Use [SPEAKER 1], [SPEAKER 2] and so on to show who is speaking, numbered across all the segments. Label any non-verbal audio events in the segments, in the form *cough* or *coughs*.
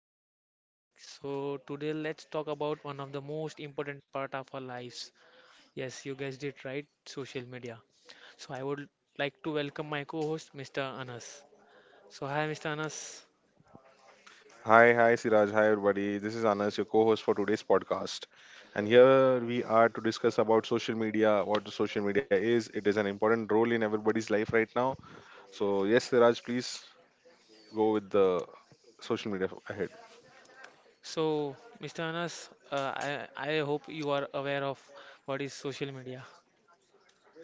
[SPEAKER 1] you guys doing? So today let's talk about one of the most important part of our lives. Yes, you guys did right, social media. So I would like to welcome my co-host Mr. Anas. So hi Mr. Anas.
[SPEAKER 2] Hi, hi, Siraj. Hi, everybody. This is Anas, your co-host for today's podcast. And here we are to discuss about social media, what the social media is. It is an important role in everybody's life right now. So yes, Siraj, please go with the social media ahead.
[SPEAKER 1] So Mr. Anas, I hope you are aware of what is social media.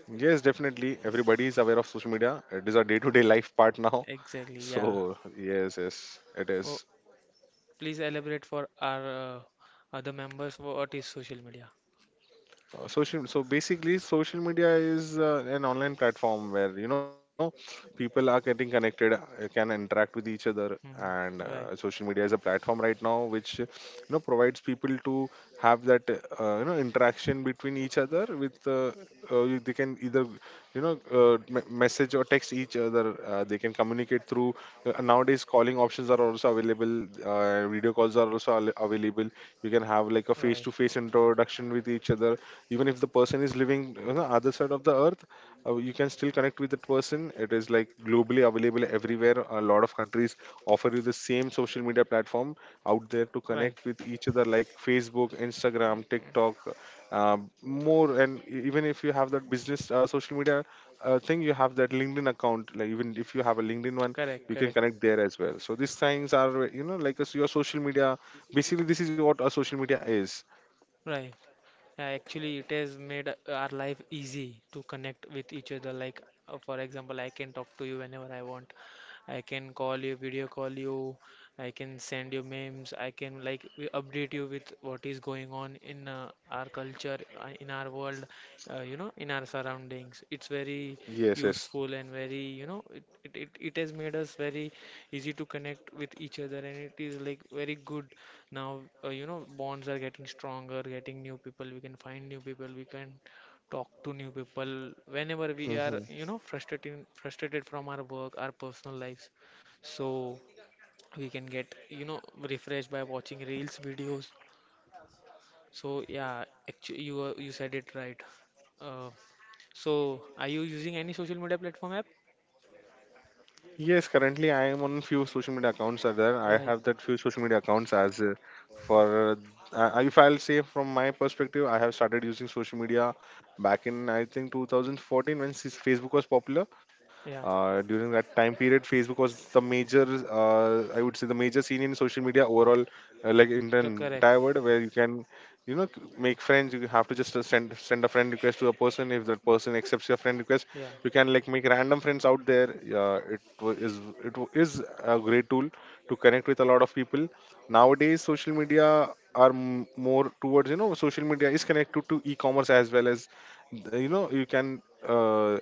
[SPEAKER 2] Yes, definitely. Everybody is aware of social media. It is our day-to-day *laughs* life part now.
[SPEAKER 1] Exactly, yeah.
[SPEAKER 2] So yes, yes, it
[SPEAKER 1] Oh,
[SPEAKER 2] is.
[SPEAKER 1] please elaborate for our other members what is social media.
[SPEAKER 2] Social so basically social media is an online platform where people are getting connected, can interact with each other, and
[SPEAKER 1] Hmm,
[SPEAKER 2] social
[SPEAKER 1] right,
[SPEAKER 2] media is a platform right now which, you know, provides people to have that, you know, interaction between each other with, they can either, you know, message or text each other. They can communicate through, nowadays calling options are also available. Video calls are also available. You can have like a face
[SPEAKER 1] right,
[SPEAKER 2] to face introduction with each other, even if the person is living on the other side of the earth. You can still connect with that person. It is like globally available everywhere. A lot of countries offer you the same social media platform out there to
[SPEAKER 1] right.
[SPEAKER 2] connect with each other, like Facebook, Instagram, TikTok. More, and even if you have that business, social media, thing, you have that LinkedIn account. Like even if you have a LinkedIn one,
[SPEAKER 1] Correct,
[SPEAKER 2] you can
[SPEAKER 1] correct.
[SPEAKER 2] connect there as well. So these things are, you know, like a s your social media. Basically, this is what a social media is.
[SPEAKER 1] Right. Yeah, actually, it has made our life easy to connect with each other. Like, for example, I can talk to you whenever I want. I can call you, video call you. I can send you memes. I can like we update you with what is going on in our culture, in our world, in our surroundings. It's very
[SPEAKER 2] Yes, yes.
[SPEAKER 1] useful and very, it has made us very easy to connect with each other, and it is like very good. Now, bonds are getting stronger, getting new people. We can find new people. We can talk to new people whenever we are,
[SPEAKER 2] Hmm.
[SPEAKER 1] frustrated from our work, our personal lives. So we can get, refreshed by watching reels, videos. So yeah, actually, you said it right. Uh, so are you using any social media platform app?
[SPEAKER 2] Yes, currently I am on few social media accounts are there. I
[SPEAKER 1] Right.
[SPEAKER 2] have that few social media accounts as, for if I'll say from my perspective, I have started using social media back in, I think, 2014 when Facebook was popular.
[SPEAKER 1] Yeah.
[SPEAKER 2] During that time period, Facebook was the major, I would say, the major scene in social media overall, like in the
[SPEAKER 1] The
[SPEAKER 2] entire
[SPEAKER 1] correct.
[SPEAKER 2] world, where you can, you know, make friends. You have to just send a friend request to a person. If that person accepts your friend request,
[SPEAKER 1] Yeah.
[SPEAKER 2] you can like make random friends out there. Yeah, it is a great tool to connect with a lot of people. Nowadays social media are more towards, you know, social media is connected to e-commerce, as well as you know, you can, uh,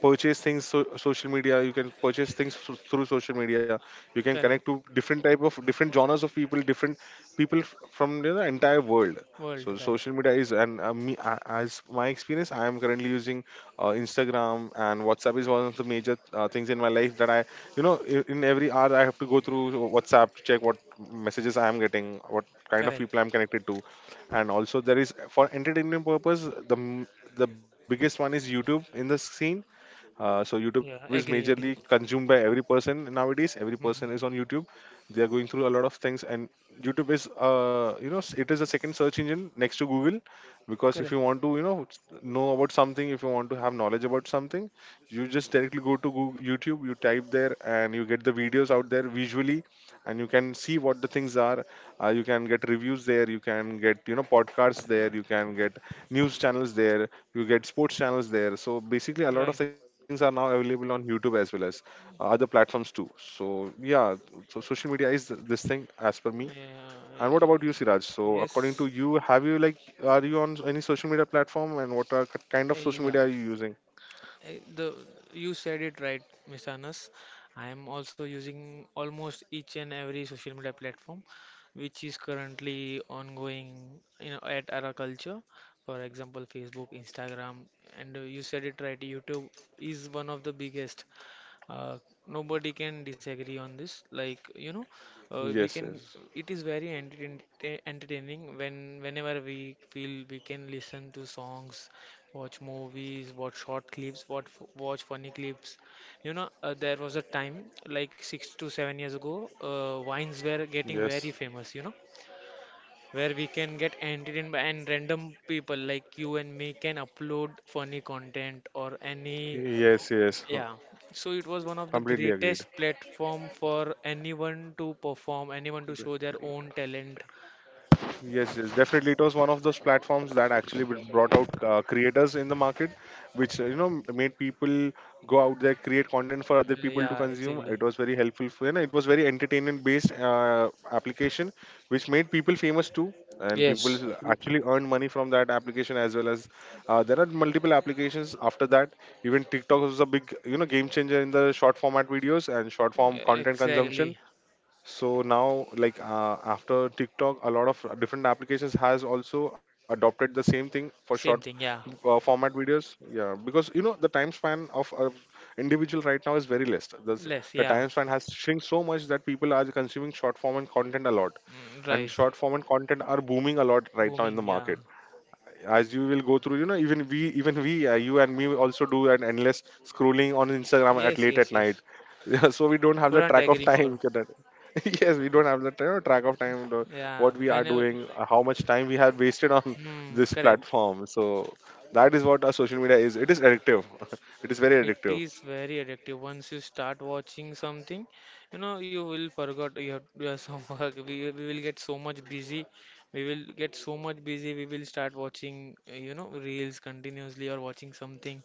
[SPEAKER 2] purchase things. So social media, you can purchase things. So through social media you can connect
[SPEAKER 1] Correct.
[SPEAKER 2] to different type of, different genres of people, different people from the entire world.
[SPEAKER 1] World.
[SPEAKER 2] So
[SPEAKER 1] Right.
[SPEAKER 2] social media is, and as my experience, I am currently using, Instagram and WhatsApp is one of the major, things in my life, that I, you know, in every hour I have to go through WhatsApp to check what messages I am getting, what kind of people
[SPEAKER 1] Correct.
[SPEAKER 2] I'm connected to. And also there is, for entertainment purpose, the biggest one is YouTube in the scene. So
[SPEAKER 1] Yeah.
[SPEAKER 2] YouTube is
[SPEAKER 1] Agree.
[SPEAKER 2] majorly
[SPEAKER 1] Agree.
[SPEAKER 2] consumed by every person nowadays. Every
[SPEAKER 1] Hmm.
[SPEAKER 2] person is on YouTube. They are going through a lot of things, and YouTube is, you know, it is a second search engine next to Google, because if you
[SPEAKER 1] Correct.
[SPEAKER 2] want to, you know, know about something, if you want to have knowledge about something, you just directly go to Google, YouTube. You type there, and you get the videos out there visually, and you can see what the things are. You can get reviews there. You can get, you know, podcasts there. You can get news channels there, you get sports channels there. So basically a lot of
[SPEAKER 1] Right.
[SPEAKER 2] things are now available on YouTube, as well as, other platforms too. So yeah, so social media is this thing as per me.
[SPEAKER 1] Yeah,
[SPEAKER 2] And what about you, Siraj? So according to
[SPEAKER 1] yes.
[SPEAKER 2] you, have you like, are you on any social media platform, and what are, kind of social
[SPEAKER 1] Yeah.
[SPEAKER 2] media are you using?
[SPEAKER 1] Eh, The You said it right, Mr. Anas. I am also using almost each and every social media platform which is currently ongoing, at our culture. For example, Facebook, Instagram, and you said it right, YouTube is one of the biggest. Uh, Nobody can disagree on this. Like, uh, we
[SPEAKER 2] Yes,
[SPEAKER 1] can,
[SPEAKER 2] yes,
[SPEAKER 1] it is very entertaining whenever we feel. We can listen to songs, watch movies, watch short clips, watch funny clips. There was a time like 6 to 7 years ago, wines were getting
[SPEAKER 2] yes,
[SPEAKER 1] very famous, where we can get entertained. By and random people like you and me can upload funny content or any
[SPEAKER 2] yes, yes,
[SPEAKER 1] yeah, so it was one of the
[SPEAKER 2] completely agreed.
[SPEAKER 1] greatest platform for anyone to perform, anyone to show their own talent.
[SPEAKER 2] Yes, yes, definitely. It was one of those platforms that actually brought out creators in the market, which, you know, made people go out there, create content for other people to
[SPEAKER 1] Yeah,
[SPEAKER 2] consume.
[SPEAKER 1] exactly.
[SPEAKER 2] It was very helpful for, and it was very entertainment-based application, which made people famous too, and people
[SPEAKER 1] Yes,
[SPEAKER 2] actually earned money from that application, as well as, there are multiple applications after that. Even TikTok was a big, you know, game changer in the short format videos and short form content
[SPEAKER 1] exactly.
[SPEAKER 2] consumption. So now, like, after TikTok a lot of different applications has also adopted the same thing for
[SPEAKER 1] Same
[SPEAKER 2] short,
[SPEAKER 1] thing. Yeah,
[SPEAKER 2] format videos. Yeah, because, you know, the time span of a individual right now is very less. There's,
[SPEAKER 1] less.
[SPEAKER 2] the
[SPEAKER 1] Yeah,
[SPEAKER 2] time span has shrink so much that people are consuming short form and content a lot,
[SPEAKER 1] mm,
[SPEAKER 2] and
[SPEAKER 1] right.
[SPEAKER 2] short form and content are booming a lot right now in the
[SPEAKER 1] Booming. Yeah.
[SPEAKER 2] market. As you will go through, you know, even we you and me also do an endless scrolling on Instagram at
[SPEAKER 1] Yes,
[SPEAKER 2] late at
[SPEAKER 1] yes,
[SPEAKER 2] night.
[SPEAKER 1] yes.
[SPEAKER 2] *laughs* Yeah, so we don't have the
[SPEAKER 1] Couldn't
[SPEAKER 2] track of
[SPEAKER 1] agree more.
[SPEAKER 2] time to that. *laughs* Yes, we don't have the, you track of time to what
[SPEAKER 1] Yeah,
[SPEAKER 2] we are
[SPEAKER 1] whenever.
[SPEAKER 2] doing, how much time we have wasted on *laughs*
[SPEAKER 1] Hmm,
[SPEAKER 2] this
[SPEAKER 1] correct.
[SPEAKER 2] platform. So that is what our social media is. It is addictive. *laughs* It is very
[SPEAKER 1] It
[SPEAKER 2] addictive.
[SPEAKER 1] is very addictive. Once you start watching something, you will forget you have to do some work. *laughs* We will get so much busy. We will get so much busy. We will start watching, reels continuously or watching something,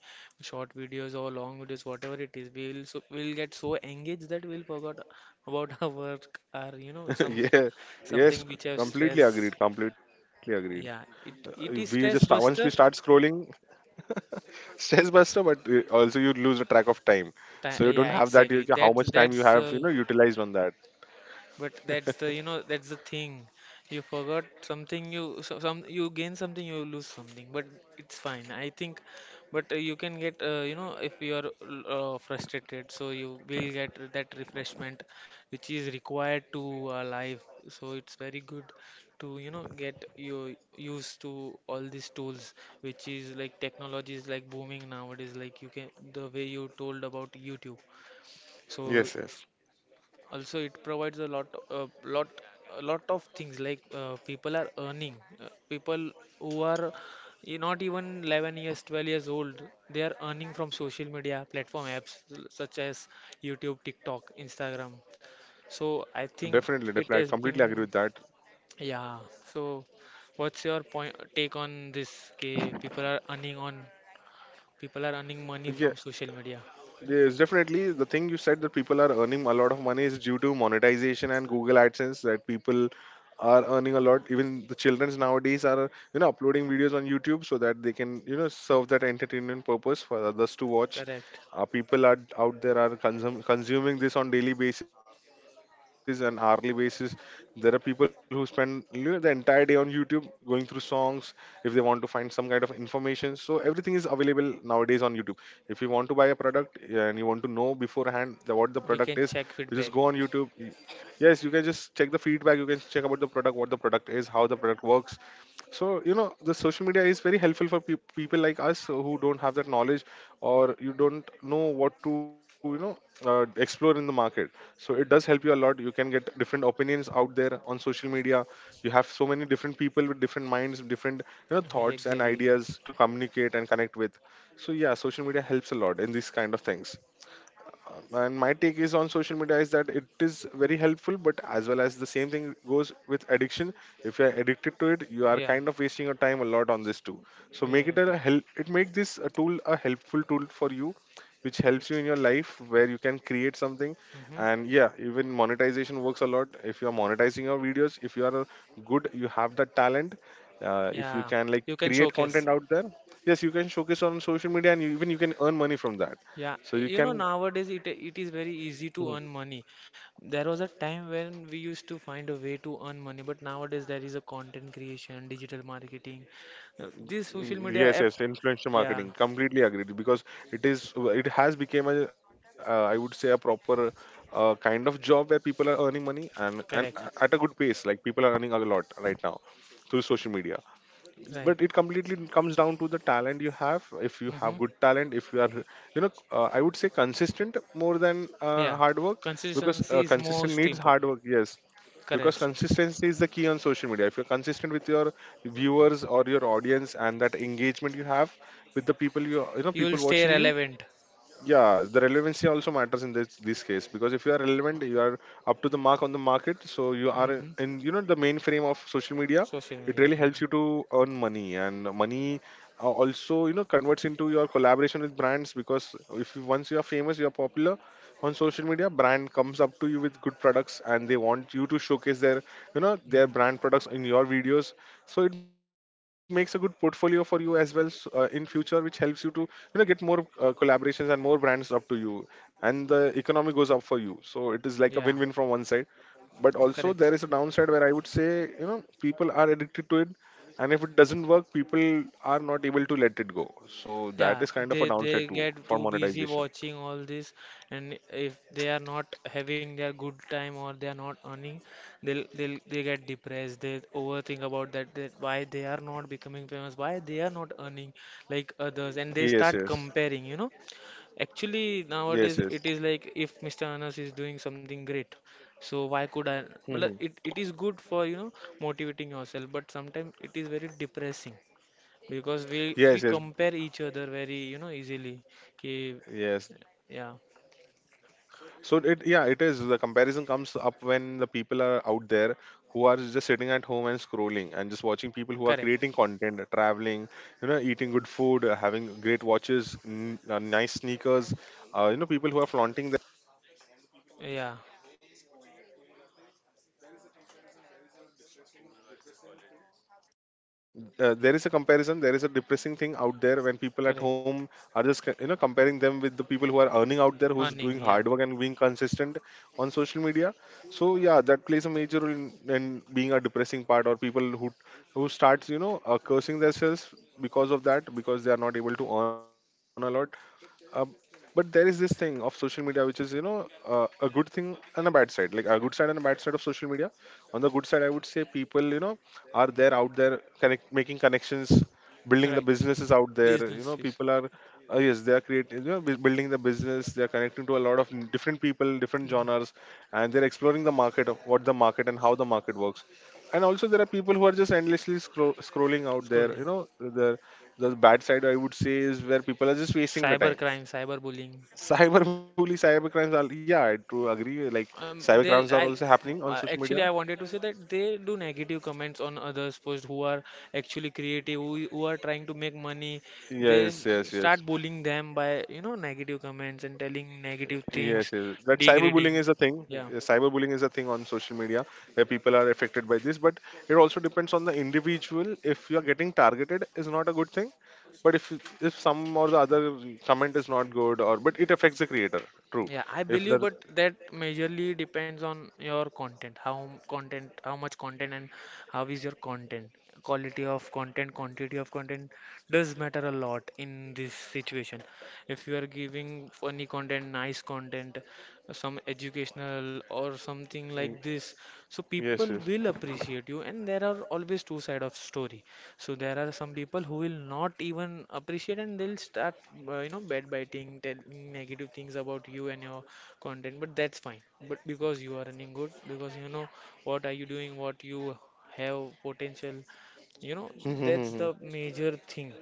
[SPEAKER 1] short videos or long videos, whatever it is. We'll get so engaged that we'll forget about *laughs* our work or you know
[SPEAKER 2] *laughs*
[SPEAKER 1] some
[SPEAKER 2] Yeah, yes,
[SPEAKER 1] something which have
[SPEAKER 2] completely
[SPEAKER 1] stress.
[SPEAKER 2] agreed, completely agreed.
[SPEAKER 1] Yeah, it
[SPEAKER 2] We
[SPEAKER 1] it
[SPEAKER 2] just
[SPEAKER 1] is
[SPEAKER 2] once
[SPEAKER 1] stress
[SPEAKER 2] we start
[SPEAKER 1] buster.
[SPEAKER 2] scrolling, stress buster, but also you lose the track of time, so you don't
[SPEAKER 1] Yeah,
[SPEAKER 2] have that, you,
[SPEAKER 1] exactly.
[SPEAKER 2] how much time you
[SPEAKER 1] That's
[SPEAKER 2] have, you know, utilized on that.
[SPEAKER 1] But that's the, that's the thing. You forgot something, you gain something, you lose something. But it's fine, I think. But you can get, if you are frustrated, so you will get that refreshment which is required to life. So it's very good to, get you used to all these tools, which is like technology is like booming nowadays. Like the way you told about YouTube. So
[SPEAKER 2] Yes, yes.
[SPEAKER 1] also it provides a lot of things like people are earning people who are not even 11 years 12 years old. They are earning from social media platform apps such as youtube, tiktok, instagram. So I think
[SPEAKER 2] Definitely, definitely, I
[SPEAKER 1] it has
[SPEAKER 2] completely
[SPEAKER 1] been
[SPEAKER 2] agree with that.
[SPEAKER 1] yeah, so what's your point take on this, ke people are earning on people are earning money
[SPEAKER 2] Yeah.
[SPEAKER 1] from social media.
[SPEAKER 2] Yes, definitely. The thing you said that people are earning a lot of money is due to monetization and Google AdSense, that people are earning a lot. Even the childrens nowadays are, you know, uploading videos on YouTube so that they can, you know, serve that entertainment purpose for others to watch.
[SPEAKER 1] Correct.
[SPEAKER 2] People are out there are consuming this on daily basis and hourly basis. There are people who spend, you know, the entire day on YouTube going through songs, if they want to find some kind of information. So everything is available nowadays on YouTube. If you want to buy a product, yeah, and you want to know beforehand the, what the product is,
[SPEAKER 1] We
[SPEAKER 2] you
[SPEAKER 1] can
[SPEAKER 2] just go
[SPEAKER 1] check
[SPEAKER 2] on
[SPEAKER 1] feedback.
[SPEAKER 2] YouTube. Yes, you can just check the feedback. You can check about the product, what the product is, how the product works. So, you know, the social media is very helpful for people like us who don't have that knowledge, or you don't know what to, you know, explore in the market. So, it does help you a lot. You can get different opinions out there on social media. You have so many different people with different minds, different, you know,
[SPEAKER 1] *laughs*
[SPEAKER 2] thoughts and
[SPEAKER 1] Exactly.
[SPEAKER 2] ideas to communicate and connect with. So, yeah, social media helps a lot in these kind of things. And my take is on social media is that it is very helpful, but as well as the same thing goes with addiction. If you are addicted to it, you are
[SPEAKER 1] Yeah.
[SPEAKER 2] kind of wasting your time a lot on this too. So make
[SPEAKER 1] Yeah.
[SPEAKER 2] it a help, it make this a tool, a helpful tool for you, which helps you in your life, where you can create something.
[SPEAKER 1] Hmm.
[SPEAKER 2] And yeah, even monetization works a lot if you are monetizing your videos, if you are a good, you have that talent, if you
[SPEAKER 1] Yeah,
[SPEAKER 2] can like
[SPEAKER 1] you can
[SPEAKER 2] create
[SPEAKER 1] showcase.
[SPEAKER 2] content out there. Yes, you can showcase on social media, and you, even you can earn money from that.
[SPEAKER 1] Yeah,
[SPEAKER 2] So you can.
[SPEAKER 1] Nowadays it is very easy to earn money. There was a time when we used to find a way to earn money, but nowadays there is a content creation, digital marketing. This social
[SPEAKER 2] Mm,
[SPEAKER 1] media
[SPEAKER 2] yes,
[SPEAKER 1] app,
[SPEAKER 2] yes, influencer
[SPEAKER 1] yeah,
[SPEAKER 2] marketing. Completely agreed, because it is, it has become a, I would say, a proper, kind of job, where people are earning money, and
[SPEAKER 1] correct,
[SPEAKER 2] at a good pace. Like people are earning a lot right now through social media.
[SPEAKER 1] right.
[SPEAKER 2] But it completely comes down to the talent you have. If you have
[SPEAKER 1] Mm-hmm.
[SPEAKER 2] good talent, if you are I would say consistent more than
[SPEAKER 1] Yeah,
[SPEAKER 2] hard work, because
[SPEAKER 1] consistency is
[SPEAKER 2] consistent
[SPEAKER 1] most
[SPEAKER 2] needs
[SPEAKER 1] important.
[SPEAKER 2] hard work, yes, because
[SPEAKER 1] Correct.
[SPEAKER 2] consistency is the key on social media. If you're consistent with your viewers or your audience, and that engagement you have with the people, you know
[SPEAKER 1] You will
[SPEAKER 2] people
[SPEAKER 1] stay
[SPEAKER 2] watching you,
[SPEAKER 1] relevant.
[SPEAKER 2] yeah, the relevancy also matters in this case, because if you are relevant you are up to the mark on the market, so you are
[SPEAKER 1] Mm-hmm.
[SPEAKER 2] you know, the mainframe of social media,
[SPEAKER 1] Social
[SPEAKER 2] it
[SPEAKER 1] media.
[SPEAKER 2] really
[SPEAKER 1] Mm-hmm.
[SPEAKER 2] helps you to earn money. And money also, you know, converts into your collaboration with brands, because if you, once you are famous, you are popular on social media, brand comes up to you with good products and they want you to showcase their, you know, their
[SPEAKER 1] Mm-hmm.
[SPEAKER 2] brand products in your videos. So it makes a good portfolio for you as well, in future, which helps you to, you know, get more collaborations and more brands up to you, and the economy goes up for you. So it is like a win-win
[SPEAKER 1] Yeah,
[SPEAKER 2] from one side, but also there
[SPEAKER 1] correct.
[SPEAKER 2] is a downside where I would say, you know, people are addicted to it, and if it doesn't work, people are not able to let it go, so that
[SPEAKER 1] Yeah,
[SPEAKER 2] is kind of a
[SPEAKER 1] they
[SPEAKER 2] downside
[SPEAKER 1] they
[SPEAKER 2] too
[SPEAKER 1] get
[SPEAKER 2] for
[SPEAKER 1] too busy
[SPEAKER 2] monetization.
[SPEAKER 1] watching all this, and if they are not having their good time or they are not earning, they get depressed. They overthink about that, that why they are not becoming famous, why they are not earning like others, and they
[SPEAKER 2] Yes,
[SPEAKER 1] start
[SPEAKER 2] yes.
[SPEAKER 1] comparing. Actually,
[SPEAKER 2] Yes,
[SPEAKER 1] nowadays
[SPEAKER 2] yes.
[SPEAKER 1] it is like if Mr. Anas is doing something great, so why could I? Well,
[SPEAKER 2] Hmm.
[SPEAKER 1] it is good for, motivating yourself, but sometimes it is very depressing because we
[SPEAKER 2] Yes,
[SPEAKER 1] we
[SPEAKER 2] yes,
[SPEAKER 1] compare each other very easily. कि.
[SPEAKER 2] yes.
[SPEAKER 1] Yeah.
[SPEAKER 2] So it, yeah, it is the comparison comes up when the people are out there who are just sitting at home and scrolling and just watching people who are
[SPEAKER 1] Correct.
[SPEAKER 2] creating content, traveling, you know, eating good food, having great watches, nice sneakers, you know, people who are flaunting,
[SPEAKER 1] Yeah.
[SPEAKER 2] there is a comparison, there is a depressing thing out there when people at
[SPEAKER 1] Correct.
[SPEAKER 2] home are just you know, comparing them with the people who are earning out there, who's doing
[SPEAKER 1] Earning. Yeah.
[SPEAKER 2] hard work and being consistent on social media. So yeah, that plays a major role in being a depressing part, or people who starts, you know, cursing themselves, because of that, because they are not able to earn a lot. uh, but there is this thing of social media which is, you know, a good thing and a bad side, like a good side and a bad side of social media. On the good side, I would say people, you know, are there out there connect, making connections, building the
[SPEAKER 1] Right.
[SPEAKER 2] businesses out there, you know,
[SPEAKER 1] Businesses.
[SPEAKER 2] people are, yes, they are creating, you know, building the business. They are connecting to a lot of different people, different genres, and they're exploring the market of what the market and how the market works. And also there are people who are just endlessly scrolling out there,
[SPEAKER 1] Scrolling.
[SPEAKER 2] you know, they're, the bad side I would say is where people are just wasting the
[SPEAKER 1] Cyber
[SPEAKER 2] time.
[SPEAKER 1] crime, cyber bullying.
[SPEAKER 2] Cyberbully, cybercrimes are, yeah, I do agree. Like, cybercrimes
[SPEAKER 1] They
[SPEAKER 2] are also
[SPEAKER 1] I
[SPEAKER 2] happening on social media.
[SPEAKER 1] actually I wanted to say that they do negative comments on others posts who are actually creative, who are trying to make money. They
[SPEAKER 2] Yes, yes, yes,
[SPEAKER 1] start bullying them by negative comments and telling negative
[SPEAKER 2] yes,
[SPEAKER 1] things.
[SPEAKER 2] yes. That cyberbullying
[SPEAKER 1] Degrading.
[SPEAKER 2] is a thing.
[SPEAKER 1] Yeah.
[SPEAKER 2] Yeah, cyberbullying is a thing on social media where people are affected by this. But it also depends on the individual. If you are getting targeted, is not a good thing. But if some or the other comment is not good, or but it affects the creator. True.
[SPEAKER 1] Yeah, I
[SPEAKER 2] If
[SPEAKER 1] believe,
[SPEAKER 2] the,
[SPEAKER 1] but that majorly depends on your content, how much content, and how is your content. Quality of content, quantity of content does matter a lot in this situation. If you are giving funny content, nice content, some educational or something like
[SPEAKER 2] mm,
[SPEAKER 1] this, so people
[SPEAKER 2] yes,
[SPEAKER 1] will appreciate you. And there are always two side of story. So there are some people who will not even appreciate and they'll start, bad biting, telling negative things about you and your content. But that's fine. But because you are running good, because you know what are you doing, what you have potential, you know, that's the
[SPEAKER 2] yes. *laughs*
[SPEAKER 1] major thing.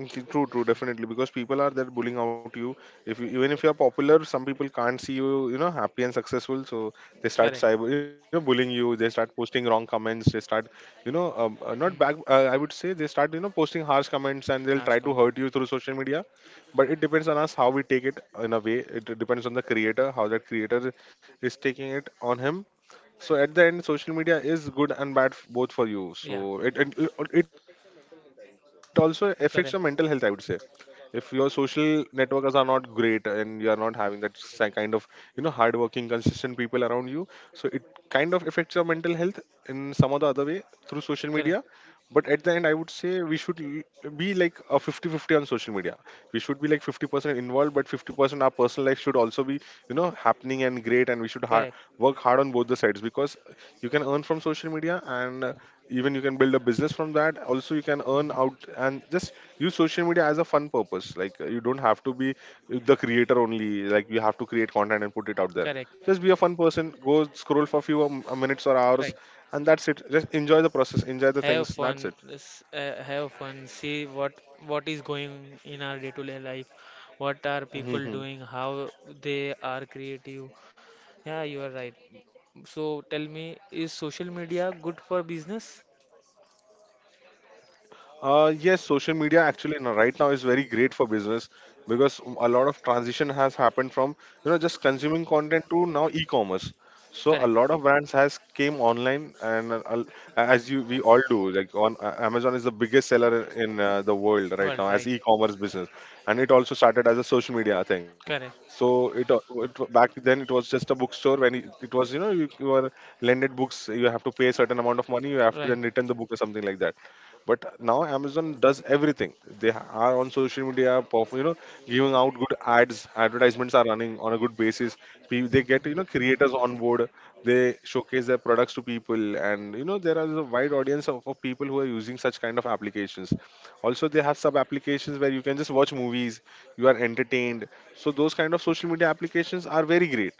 [SPEAKER 2] Mm, true, true, definitely. Because people are there bullying out you. If you, even if you are popular, some people can't see you, you know, happy and successful. So they start
[SPEAKER 1] Correct.
[SPEAKER 2] cyber, you know, bullying you. They start posting wrong comments. They start, you know, not back.
[SPEAKER 1] Hmm.
[SPEAKER 2] I would say they start, you know, posting harsh comments and they'll
[SPEAKER 1] Ash
[SPEAKER 2] try to
[SPEAKER 1] Kamal.
[SPEAKER 2] hurt you through social media. But it depends on us how we take it. In a way, it depends on the creator how that creator is taking it on him. So at the end, social media is good and bad both for you.
[SPEAKER 1] Yeah.
[SPEAKER 2] So it also affects your mental health, I would say.
[SPEAKER 1] Correct.
[SPEAKER 2] If your social networks are not great and you are not having that kind of, you know, hardworking, consistent people around you, so it kind of affects your mental health in some or the other way through social media.
[SPEAKER 1] Correct.
[SPEAKER 2] But at the end, I would say we should be like a fifty-fifty on social media. We should be like 50% involved, but 50% our personal life should also be, you know, happening and great, and we should
[SPEAKER 1] Correct.
[SPEAKER 2] work hard on both the sides, because you can earn from social media, and even you can build a business from that. Also, you can earn
[SPEAKER 1] Hmm.
[SPEAKER 2] out, and just use social media as a fun purpose. Like, you don't have to be the creator only, like you have to create content and put it out there.
[SPEAKER 1] Correct.
[SPEAKER 2] Just be a fun person, go scroll for a few minutes or hours,
[SPEAKER 1] Right.
[SPEAKER 2] and that's it. Just enjoy the process, enjoy the
[SPEAKER 1] Have
[SPEAKER 2] things,
[SPEAKER 1] fun,
[SPEAKER 2] that's it.
[SPEAKER 1] have fun, see what is going in our day-to-day life, what are people
[SPEAKER 2] Mhm.
[SPEAKER 1] doing, how they are creative. Yeah, you are right. So tell me, is social media good for business?
[SPEAKER 2] Yes, social media actually right now is very great for business, because a lot of transition has happened from, you know, just consuming content to now e-commerce. So a
[SPEAKER 1] Correct.
[SPEAKER 2] lot of brands has came online, and as you we all do, like on Amazon is the biggest seller in the world right
[SPEAKER 1] Well,
[SPEAKER 2] now as
[SPEAKER 1] right.
[SPEAKER 2] e-commerce business, and it also started as a social media thing.
[SPEAKER 1] Correct.
[SPEAKER 2] So it, back then it was just a bookstore. When it was, you know, you were lended books, you have to pay a certain amount of money, you have to
[SPEAKER 1] Right.
[SPEAKER 2] then return the book or something like that. But now Amazon does everything. They are on social media, you know, giving out good ads, advertisements are running on a good basis. They get, you know,
[SPEAKER 1] Hmm.
[SPEAKER 2] creators on board. They showcase their products to people, and you know, there is a wide audience of people who are using such kind of applications. Also, they have sub applications where you can just watch movies, you are entertained. So those kind of social media applications are very great,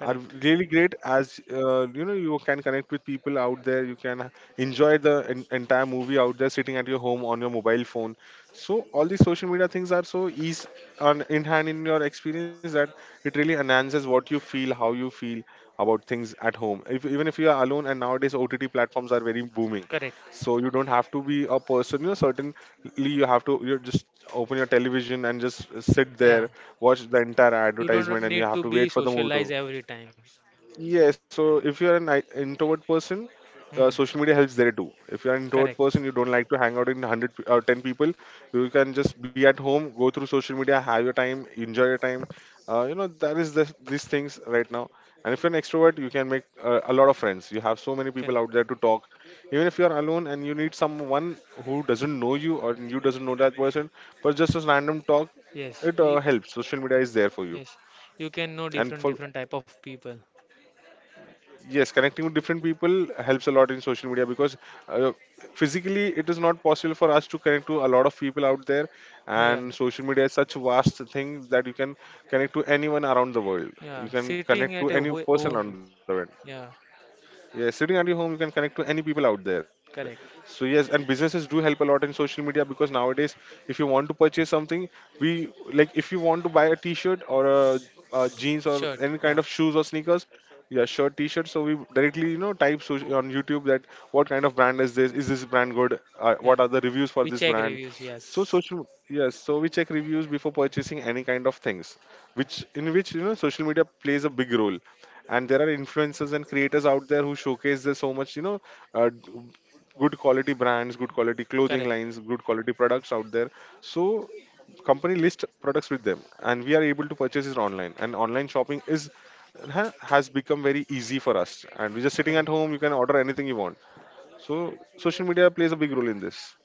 [SPEAKER 2] are really great. As you know, you can connect with people out there, you can enjoy the entire movie out there, sitting at your home on your mobile phone. So all these social media things are so ease on in hand in your experience that it really enhances what you feel, how you feel about things at home. If, Even if you are alone, and nowadays OTT platforms are very booming,
[SPEAKER 1] Correct.
[SPEAKER 2] so you don't have to be a person, you know, certainly. You have to, you just open your television and just sit
[SPEAKER 1] Yeah.
[SPEAKER 2] there, watch the entire
[SPEAKER 1] You don't
[SPEAKER 2] advertisement, and you
[SPEAKER 1] need
[SPEAKER 2] have
[SPEAKER 1] to
[SPEAKER 2] to wait
[SPEAKER 1] be
[SPEAKER 2] for the movie to,
[SPEAKER 1] socialized every time.
[SPEAKER 2] yeah, so if you're an introvert person,
[SPEAKER 1] Hmm.
[SPEAKER 2] social media helps there too. If you're an
[SPEAKER 1] Correct.
[SPEAKER 2] introvert person, you don't like to hang out in 100 or 10 people, you can just be at home, go through social media, have your time, enjoy your time. You know, that is these things right now. And if you're an extrovert, you can make a lot of friends. You have so many people
[SPEAKER 1] Correct.
[SPEAKER 2] out there to talk. Even if you're alone and you need someone who doesn't know you, or you doesn't know that person, but just a random talk,
[SPEAKER 1] yes
[SPEAKER 2] it
[SPEAKER 1] you,
[SPEAKER 2] helps. Social media is there for you.
[SPEAKER 1] yes, you can know
[SPEAKER 2] And
[SPEAKER 1] different
[SPEAKER 2] for,
[SPEAKER 1] different type of people.
[SPEAKER 2] yes, connecting with different people helps a lot in social media, because uh, physically it is not possible for us to connect to a lot of people out there,
[SPEAKER 1] Yeah,
[SPEAKER 2] and social media is such a vast thing that you can connect to anyone around the world.
[SPEAKER 1] yeah.
[SPEAKER 2] You can
[SPEAKER 1] Sitting
[SPEAKER 2] connect
[SPEAKER 1] at a
[SPEAKER 2] to
[SPEAKER 1] ho
[SPEAKER 2] any person
[SPEAKER 1] home.
[SPEAKER 2] around the world.
[SPEAKER 1] Yeah,
[SPEAKER 2] Yeah, sitting at your home, you can connect to any people out there.
[SPEAKER 1] correct.
[SPEAKER 2] So yes, and businesses do help a lot in social media, because nowadays, if you want to purchase something, we, like if you want to buy a T-shirt, or a jeans, or
[SPEAKER 1] Shirt.
[SPEAKER 2] any kind
[SPEAKER 1] Yeah,
[SPEAKER 2] of shoes or sneakers, yeah, shirt, T-shirt. So we directly, you know, type so
[SPEAKER 1] go.
[SPEAKER 2] on YouTube that what kind of brand is this? Is this brand good?
[SPEAKER 1] Yeah,
[SPEAKER 2] What are the reviews for
[SPEAKER 1] we
[SPEAKER 2] this
[SPEAKER 1] check
[SPEAKER 2] brand?
[SPEAKER 1] reviews.
[SPEAKER 2] So
[SPEAKER 1] Yes,
[SPEAKER 2] social Yes, so we check reviews before purchasing any kind of things, which in which, you know, social media plays a big role. And there are influencers and creators out there who showcase there's so much, you know, uh, d- good quality brands, good quality clothing
[SPEAKER 1] correct,
[SPEAKER 2] lines, good quality products out there. So company list products with them, and we are able to purchase it online, and online shopping is has become very easy for us, and we're just sitting at
[SPEAKER 1] correct.
[SPEAKER 2] home, you can order anything you want. So social media plays a big role in this.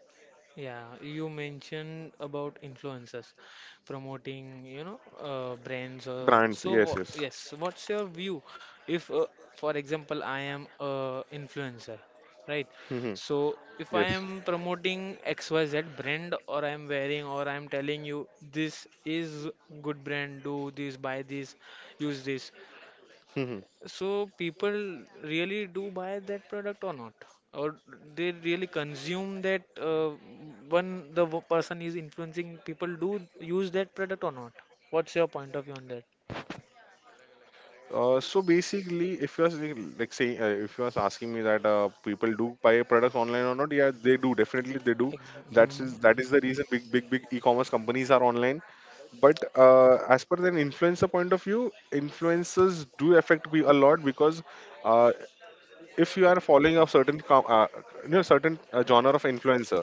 [SPEAKER 1] Yeah, you mentioned about influencers promoting, brands.
[SPEAKER 2] Brands, yes, yes.
[SPEAKER 1] Yes, what's your view if, for example, I am a influencer, right?
[SPEAKER 2] Mhm.
[SPEAKER 1] So, if I
[SPEAKER 2] Yes.
[SPEAKER 1] am promoting XYZ brand or I am wearing or I am telling you this is good brand, do this, buy this, use this. So people really do buy that product or not? Or they really consume that person is influencing? People do use that product or not? What's your point of view on that?
[SPEAKER 2] So basically, if you're like saying, if you're asking me that people do buy products online or not, yeah, they do. Definitely, they do.
[SPEAKER 1] Ex-
[SPEAKER 2] That's,
[SPEAKER 1] mhm.
[SPEAKER 2] is that, is the reason big e-commerce companies are online. But as per the influencer point of view, influencers do affect me a lot because uh, if you are following a certain com- you know certain genre of influencer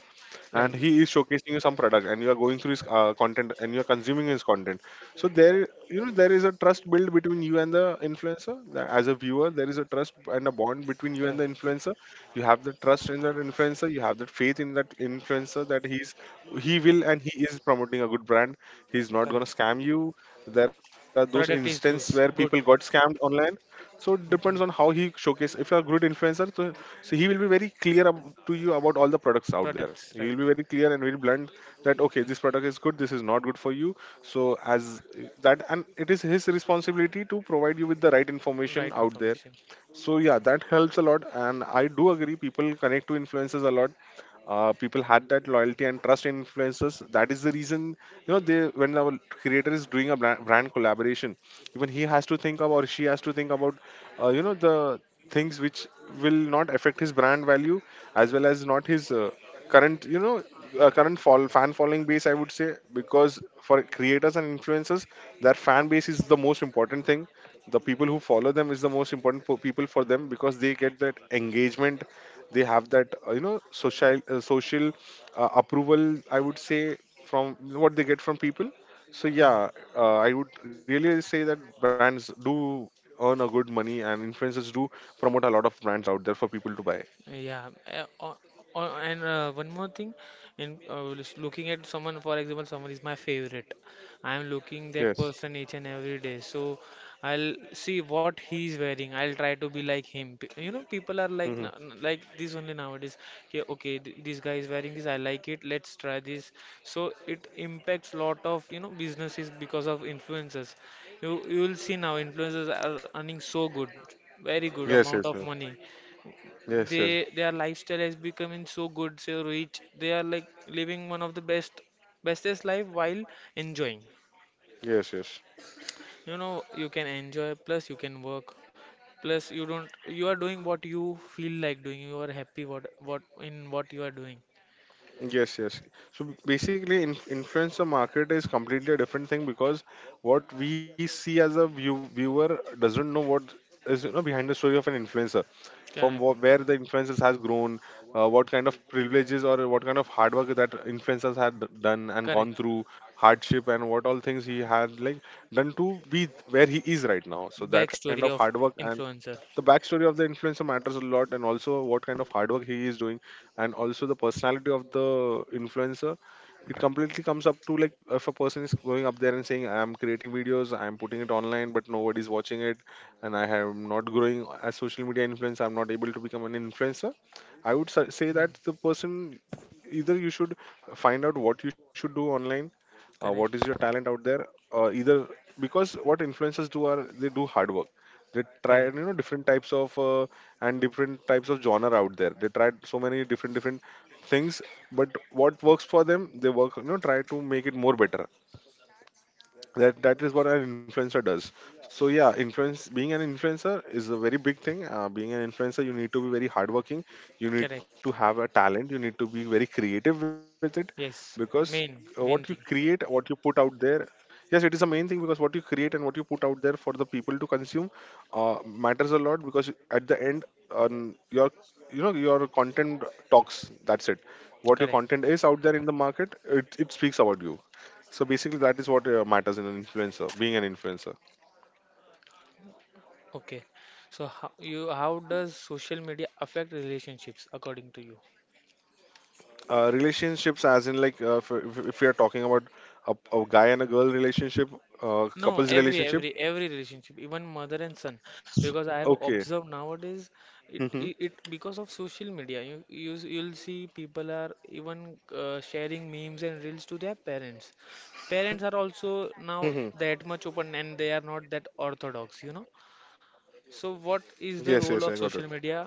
[SPEAKER 2] and
[SPEAKER 1] Right,
[SPEAKER 2] he is showcasing you some product and you are going through his content and you are consuming his content, so there you know there is a trust built between you and the influencer, that as a viewer there is a trust and a bond between you and
[SPEAKER 1] right,
[SPEAKER 2] the influencer. You have the trust in that influencer, you have that faith in that influencer that he's he will and he is promoting a good brand, he's not going
[SPEAKER 1] correct.
[SPEAKER 2] to scam you. There are those
[SPEAKER 1] Product
[SPEAKER 2] instances where
[SPEAKER 1] is
[SPEAKER 2] people
[SPEAKER 1] used,
[SPEAKER 2] got
[SPEAKER 1] good.
[SPEAKER 2] scammed online. So it depends on how he
[SPEAKER 1] Hmm.
[SPEAKER 2] showcase. If you're a good influencer, so he will be very clear to you about all the products out there.
[SPEAKER 1] Products,
[SPEAKER 2] He will
[SPEAKER 1] right,
[SPEAKER 2] be very clear and very blunt that okay, this product is good, this is not good for you. So as that, and it is his responsibility to provide you with the right
[SPEAKER 1] right
[SPEAKER 2] information out there.
[SPEAKER 1] information.
[SPEAKER 2] So yeah, that helps a lot, and I do agree people connect to influencers a lot, people had that loyalty and trust in influencers, that is the reason they when our creator is doing a brand collaboration, even he has to think about she has to think about the things which will not affect his brand value as well as not his current you know current fan following base, I would say, because for creators and influencers their fan base is the most important thing, the people who follow them is the most important people for them because they get that engagement, they have that social approval, I would say, from what they get from people. So
[SPEAKER 1] Hmm.
[SPEAKER 2] yeah, I would really say that brands do earn a good money and influencers do promote a lot of brands out there for people to buy.
[SPEAKER 1] Yeah, and one more thing, in just looking at someone, for example, someone is my favorite. I am looking that
[SPEAKER 2] Yes.
[SPEAKER 1] person each and every day, so I'll see what he's wearing. I'll try to be like him. You know, people are like
[SPEAKER 2] Hmm.
[SPEAKER 1] like this only nowadays. Okay, okay, this guy is wearing this. I like it. Let's try this. So it impacts lot of businesses because of influencers. You will see now influencers are earning so good, very good
[SPEAKER 2] Yes,
[SPEAKER 1] amount
[SPEAKER 2] yes,
[SPEAKER 1] of
[SPEAKER 2] yes.
[SPEAKER 1] money.
[SPEAKER 2] Yes, yes,
[SPEAKER 1] They their lifestyle has becoming so good, so rich. They are like living one of the bestest life while enjoying.
[SPEAKER 2] yes, yes,
[SPEAKER 1] You know, you can enjoy plus you can work plus you don't you are doing what you feel like doing. You are happy what in what you are doing.
[SPEAKER 2] yes, yes. So basically, influencer market is completely a different thing because what we see as a viewer doesn't know what is behind the story of an influencer, from
[SPEAKER 1] Correct.
[SPEAKER 2] where the influencers has grown, what kind of privileges or what kind of hard work that influencers had done and gone
[SPEAKER 1] Correct.
[SPEAKER 2] through hardship and what all things he had like done to be where he is right now. So that kind
[SPEAKER 1] Backstory
[SPEAKER 2] of
[SPEAKER 1] of
[SPEAKER 2] hard work and
[SPEAKER 1] influencer.
[SPEAKER 2] the backstory of the influencer matters a lot, and also what kind of hard work he is doing, and also the personality of the influencer. It completely comes up to like if a person is going up there and saying I'm creating videos, I'm putting it online but nobody is watching it, and I am not growing as social media influencer, I'm not able to become an influencer. I would say
[SPEAKER 1] Hmm.
[SPEAKER 2] that the person, either you should find out what you should do online, what is your
[SPEAKER 1] Correct.
[SPEAKER 2] talent out there, either because what influencers do are they do hard work. They tried,
[SPEAKER 1] Correct.
[SPEAKER 2] different types of and different types of genre out there. They tried so many different things, but what works for them, they work, try to make it more better, that is what an influencer does. So yeah, influence being an influencer is a very big thing, being an influencer you need to be very hardworking, you need
[SPEAKER 1] Correct.
[SPEAKER 2] to have a talent, you need to be very creative with it because
[SPEAKER 1] Yes. Main
[SPEAKER 2] what you
[SPEAKER 1] main thing.
[SPEAKER 2] create what you put out there, yes it is a main thing because what you create and what you put out there for the people to consume uh, matters a lot because at the end your your content talks, that's it. What your
[SPEAKER 1] Correct.
[SPEAKER 2] content is out there in the market, it speaks about you. So basically, that is what matters in an influencer, being an influencer.
[SPEAKER 1] Okay. So how does social media affect relationships according to you?
[SPEAKER 2] Relationships, as in like, if we are talking about a guy and a girl relationship,
[SPEAKER 1] No,
[SPEAKER 2] couples
[SPEAKER 1] every
[SPEAKER 2] relationship.
[SPEAKER 1] every every relationship, even mother and son, because I have
[SPEAKER 2] Okay.
[SPEAKER 1] observed nowadays it it,
[SPEAKER 2] Mm-hmm.
[SPEAKER 1] it because of social media, you'll see people are even sharing memes and reels to their parents. Parents are also
[SPEAKER 2] Mm-hmm.
[SPEAKER 1] now that much open and they are not that orthodox. So what
[SPEAKER 2] Yes,
[SPEAKER 1] is
[SPEAKER 2] yes,
[SPEAKER 1] the
[SPEAKER 2] I got
[SPEAKER 1] role
[SPEAKER 2] it.
[SPEAKER 1] of social media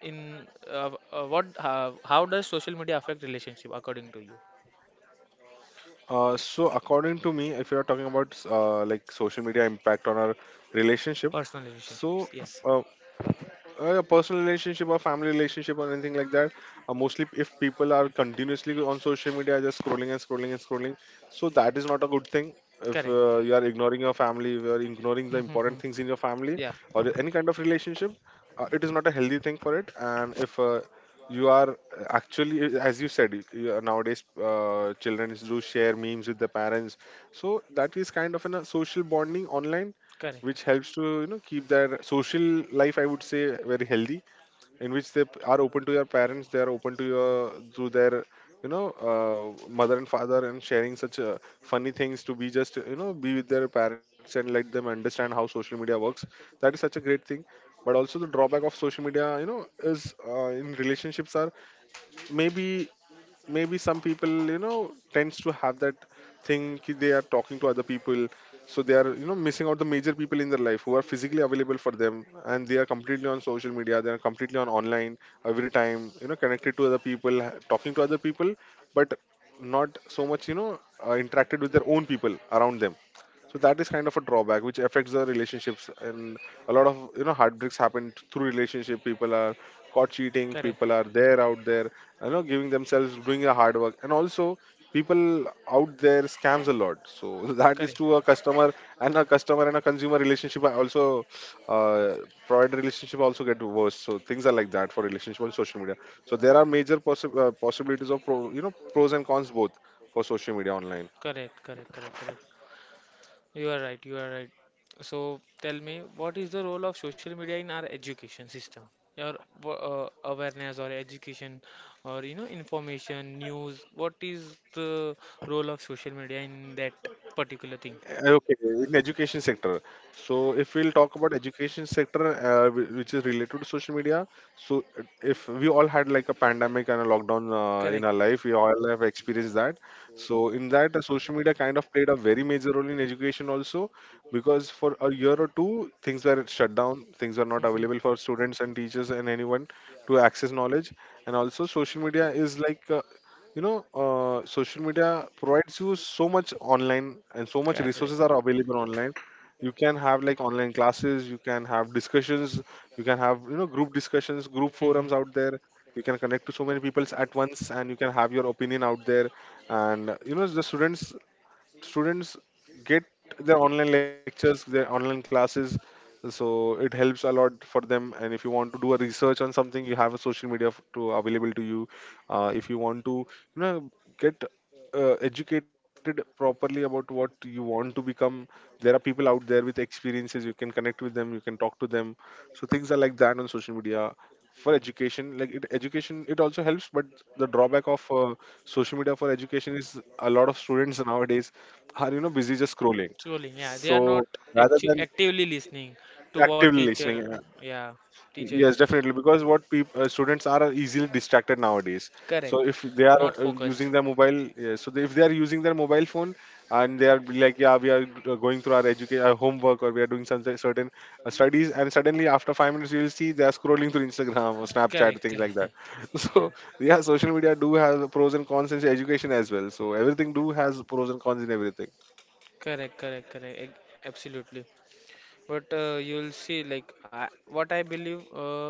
[SPEAKER 1] in what how does social media affect relationship according to you?
[SPEAKER 2] So according to me, if you are talking about like social media impact on our relationship,
[SPEAKER 1] Personal relationships.
[SPEAKER 2] so
[SPEAKER 1] Yes.
[SPEAKER 2] uh, a personal relationship or family relationship or anything like that, mostly if people are continuously on social media just scrolling and scrolling and scrolling, so that is not a good thing. If
[SPEAKER 1] Correct.
[SPEAKER 2] you are ignoring your family, if you are ignoring the important
[SPEAKER 1] Mm-hmm.
[SPEAKER 2] things in your family
[SPEAKER 1] Yeah.
[SPEAKER 2] or any kind of relationship, it is not a healthy thing for it. And if you are actually as you said nowadays children do share memes with their parents, so that is kind of a social bonding online
[SPEAKER 1] Correct.
[SPEAKER 2] which helps to keep their social life, I would say, very healthy, in which they are open to your parents, they are open to your to their mother and father, and sharing such funny things to be just be with their parents and let them understand how social media works. That is such a great thing. But also the drawback of social media, is in relationships, are maybe maybe some people tends to have that thing ki they are talking to other people, so they are missing out the major people in their life who are physically available for them, and they are completely on social media, they are completely on online every time, connected to other people talking to other people, but not so much interacted with their own people around them. So that is kind of a drawback which affects the relationships, and a lot of heartbreaks happen through relationship, people are caught cheating,
[SPEAKER 1] Correct.
[SPEAKER 2] people are there out there giving themselves doing a hard work, and also people out there scams a lot, so *laughs* that is
[SPEAKER 1] Correct.
[SPEAKER 2] to a customer and a consumer relationship are also uh, provider relationship also get worse. So things are like that for relationship on social media. So there are major possibilities of pros and cons both for social media online.
[SPEAKER 1] Correct. Correct. Correct. Correct. You are right. You are right. So tell me, what is the role of social media in our education system? Your awareness or education or information, news. What is the role of social media in that particular thing?
[SPEAKER 2] Okay, in education sector. So if we'll talk about education sector, which is related to social media. So if we all had like a pandemic and a lockdown in
[SPEAKER 1] Correct.
[SPEAKER 2] our life, we all have experienced that. So in that, social media kind of played a very major role in education also, because for a year or two, things were shut down. Things were not
[SPEAKER 1] Mm-hmm.
[SPEAKER 2] available for students and teachers and anyone to access knowledge. And also, social media is like social media provides you so much online and so much
[SPEAKER 1] Correct.
[SPEAKER 2] resources are available online. You can have like online classes, you can have discussions, you can have group discussions group
[SPEAKER 1] Mhm.
[SPEAKER 2] forums out there, you can connect to so many people at once and you can have your opinion out there, and the students get their online lectures their online classes. So it helps a lot for them, and if you want to do a research on something you have a social media to available to you. If you want to you know get educated properly about what you want to become, there are people out there with experiences, you can connect with them, you can talk to them. So things are like that on social media for education, like education it also helps, but the drawback of social media for education is a lot of students nowadays are busy just scrolling,
[SPEAKER 1] Truly, yeah, they are
[SPEAKER 2] so
[SPEAKER 1] not
[SPEAKER 2] rather
[SPEAKER 1] actu
[SPEAKER 2] than
[SPEAKER 1] actively listening to what
[SPEAKER 2] actively
[SPEAKER 1] teacher,
[SPEAKER 2] listening.
[SPEAKER 1] yeah, teacher is
[SPEAKER 2] Yes,
[SPEAKER 1] saying.
[SPEAKER 2] definitely. Because what students are easily distracted nowadays.
[SPEAKER 1] Correct.
[SPEAKER 2] So if they
[SPEAKER 1] Not
[SPEAKER 2] are
[SPEAKER 1] focused.
[SPEAKER 2] using their mobile, yeah, so if they are using their mobile phone and they are be like, yeah, we are going through our education, our homework, or we are doing some certain studies, and suddenly after 5 minutes you will see they are scrolling through Instagram or
[SPEAKER 1] Correct,
[SPEAKER 2] Snapchat, things like
[SPEAKER 1] correct.
[SPEAKER 2] that. *laughs*
[SPEAKER 1] *laughs* Yeah,
[SPEAKER 2] So yeah, social media do have pros and cons in education as well. So everything do has pros and cons in everything.
[SPEAKER 1] correct, correct, correct. Absolutely. But you'll see, like, what I believe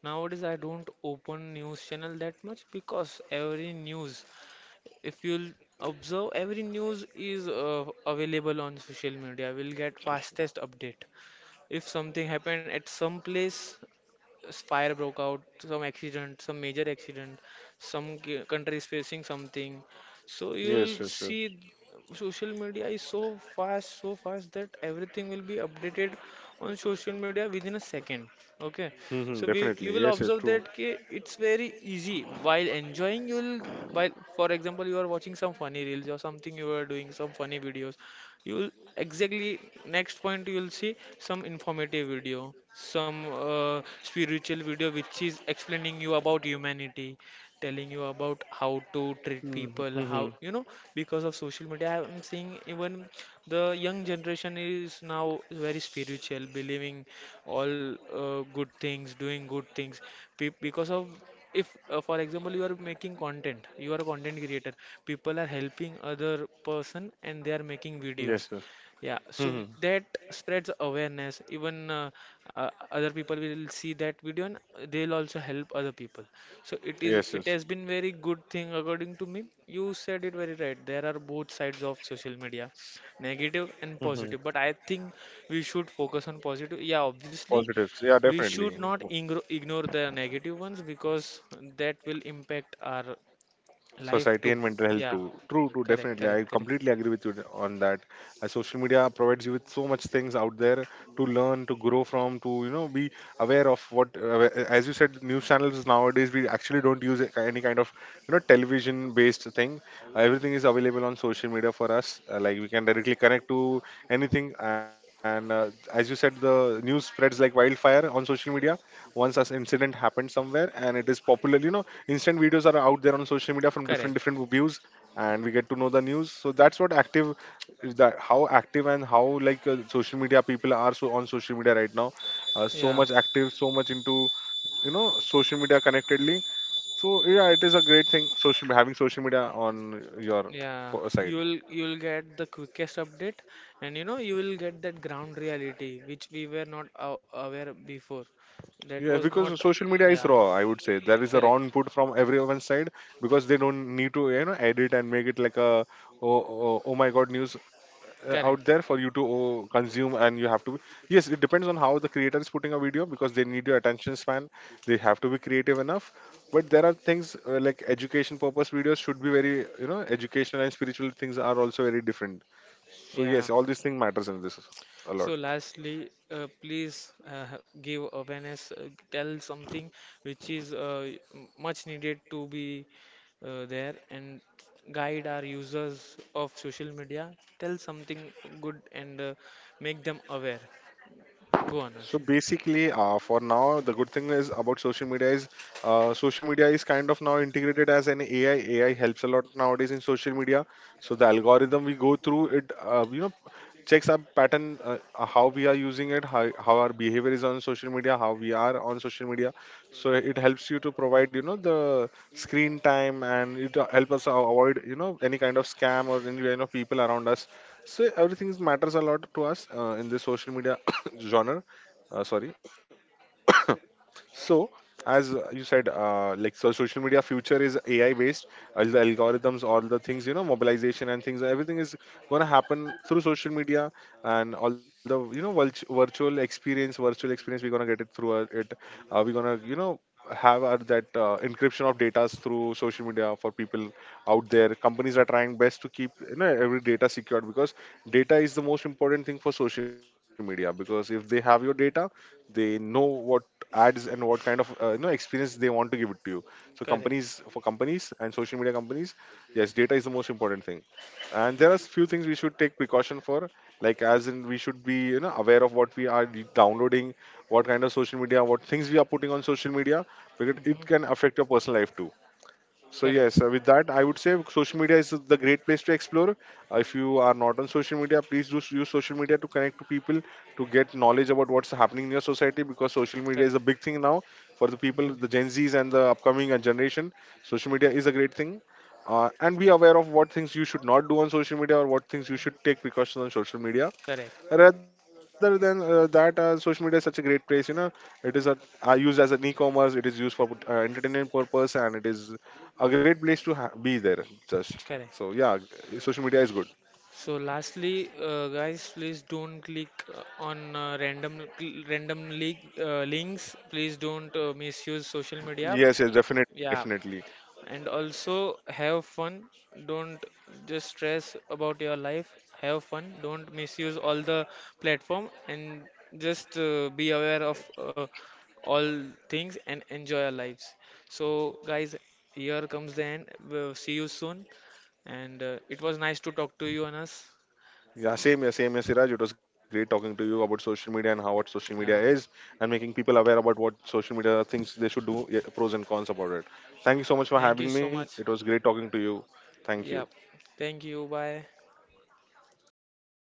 [SPEAKER 1] nowadays, I don't open news channel that much because every news, if you'll observe, every news is available on social media. We'll get fastest update. If something happened at some place, fire broke out, some accident, some major accident, some country is facing something. So you'll
[SPEAKER 2] Yes, yes, yes.
[SPEAKER 1] see social media is so fast that everything will be updated on social media within a second. Okay, so
[SPEAKER 2] Mm-hmm,
[SPEAKER 1] we you
[SPEAKER 2] definitely.
[SPEAKER 1] will
[SPEAKER 2] Yes, yes,
[SPEAKER 1] observe
[SPEAKER 2] true.
[SPEAKER 1] that कि it's very easy while enjoying. You'll While for example you are watching some funny reels or something, you are doing some funny videos, you'll exactly next point you'll see some informative video, some spiritual video which is explaining you about humanity, telling you about how to treat people, how,
[SPEAKER 2] Mm-hmm.
[SPEAKER 1] because of social media, I'm seeing even the young generation is now very spiritual, believing all good things, doing good things. Pe Because of if, for example, you are making content, you are a content creator, people are helping other person and they are making
[SPEAKER 2] Yes,
[SPEAKER 1] videos.
[SPEAKER 2] yes.
[SPEAKER 1] Yeah,
[SPEAKER 2] Mhm.
[SPEAKER 1] so that spreads awareness. Even other people will see that video and they'll also help other people. So it is
[SPEAKER 2] Yes,
[SPEAKER 1] it
[SPEAKER 2] yes.
[SPEAKER 1] has been very good thing according to me. You said it very right. There are both sides of social media, negative and
[SPEAKER 2] Hmm.
[SPEAKER 1] positive. But I think we should focus on positive. Yeah, obviously
[SPEAKER 2] Positives. Yeah,
[SPEAKER 1] we should
[SPEAKER 2] definitely.
[SPEAKER 1] not ingro- ignore the negative ones because that will impact our life
[SPEAKER 2] Society
[SPEAKER 1] too.
[SPEAKER 2] and mental health
[SPEAKER 1] Yeah,
[SPEAKER 2] too. True, true,
[SPEAKER 1] correct,
[SPEAKER 2] definitely. I
[SPEAKER 1] correct, correct,
[SPEAKER 2] completely agree with you on that. Social media provides you with so much things out there to learn, to grow from, to be aware of what, as you said, news channels nowadays. We actually don't use any kind of, you know, television based thing. Everything is available on social media for us, like we can directly connect to anything. And as you said, the news spreads like wildfire on social media once an incident happens somewhere and it is popular, you know. Instant videos are out there on social media from different
[SPEAKER 1] correct.
[SPEAKER 2] different views and we get to know the news. So that's what active is, that how active and how, like, social media people are, so on social media right now, so
[SPEAKER 1] Yeah.
[SPEAKER 2] much active, so much into, you know, social media connectedly. So yeah, it is a great thing, social, having social media on your
[SPEAKER 1] Yeah,
[SPEAKER 2] side.
[SPEAKER 1] you'll get the quickest update, and you know you will get that ground reality which we were not aw aware before. That
[SPEAKER 2] Yes,
[SPEAKER 1] was
[SPEAKER 2] because
[SPEAKER 1] not.
[SPEAKER 2] social media is
[SPEAKER 1] Yeah,
[SPEAKER 2] raw, I would say. There is a raw
[SPEAKER 1] correct,
[SPEAKER 2] input from everyone's side because they don't need to, you know, edit and make it like a oh my God news out there
[SPEAKER 1] correct.
[SPEAKER 2] for you to consume and you have to be. Yes, it depends on how the creator is putting a video because they need your attention span. They have to be creative enough. But there are things like education purpose videos should be very, you know, educational, and spiritual things are also very different. So
[SPEAKER 1] Yeah.
[SPEAKER 2] yes, all these things matters in this a lot.
[SPEAKER 1] So lastly, please give awareness. Tell something which is much needed to be there and guide our users of social media. Tell something good and make them aware. Go on, us.
[SPEAKER 2] So basically, for now, the good thing is about social media is, social media is kind of now integrated as an AI. AI helps a lot nowadays in social media. So the algorithm we go through it, you know, checks our pattern, how we are using it, how our behavior is on social media, how we are on social media. So it helps you to provide, you know, the screen time, and it helps us avoid, you know, any kind of scam or any kind of people around us. So everything matters a lot to us, in the social media *coughs* genre. Sorry. *coughs* So, as you said, like so, social media future is AI based. All the algorithms, all the things, you know, mobilization and things, everything is gonna happen through social media, and all the, you know, virtual experience, virtual experience. We're gonna get it through it. We're gonna, you know, have our, that encryption of data through social media for people out there. Companies are trying best to keep, you know, every data secured because data is the most important thing for social media. Because if they have your data, they know what ads and what kind of, you know, experience they want to give it to you. So
[SPEAKER 1] Correct.
[SPEAKER 2] companies, for companies and social media companies, yes, data is the most important thing. And there are few things we should take precaution for, like, as in, we should be, you know, aware of what we are downloading, what kind of social media, what things we are putting on social media, because it can
[SPEAKER 1] Hmm.
[SPEAKER 2] affect your personal life too. So
[SPEAKER 1] Correct,
[SPEAKER 2] yes, with that, I would say social media is the great place to explore. If you are not on social media, please do use social media to connect to people, to get knowledge about what's happening in your society. Because social media is
[SPEAKER 1] correct.
[SPEAKER 2] a big thing now for the
[SPEAKER 1] Hmm.
[SPEAKER 2] people, the Gen Zs and the upcoming generation. Social media is a great thing, and be aware of what things you should not do on social media or what things you should take precautions on social media,
[SPEAKER 1] Correct,
[SPEAKER 2] rather than that social media is such a great place, you know. It is a, used as an e-commerce, it is used for entertainment purpose, and it is a great place to be there just. So
[SPEAKER 1] correct.
[SPEAKER 2] yeah, social media is good.
[SPEAKER 1] So lastly, guys, please don't click uh, on random random links. Please don't misuse social media.
[SPEAKER 2] Yes, yes, definitely,
[SPEAKER 1] Yeah,
[SPEAKER 2] definitely.
[SPEAKER 1] and also have fun. Don't just stress about your life. Have fun, don't misuse all the platform, and just be aware of all things and enjoy our lives. So guys, here comes the end. We'll see you soon, and it was nice to talk to you, Anas.
[SPEAKER 2] Yeah, same, yeah, same. Yeah, Siraj, it was great talking to you about social media and how, what social media
[SPEAKER 1] Yeah,
[SPEAKER 2] is, and making people aware about what social media thinks they should do. Yeah, pros and cons about it. Thank you so much for
[SPEAKER 1] thank you
[SPEAKER 2] having me.
[SPEAKER 1] so much.
[SPEAKER 2] It was great talking to you. Thank
[SPEAKER 1] Yeah,
[SPEAKER 2] you.
[SPEAKER 1] thank you, bye.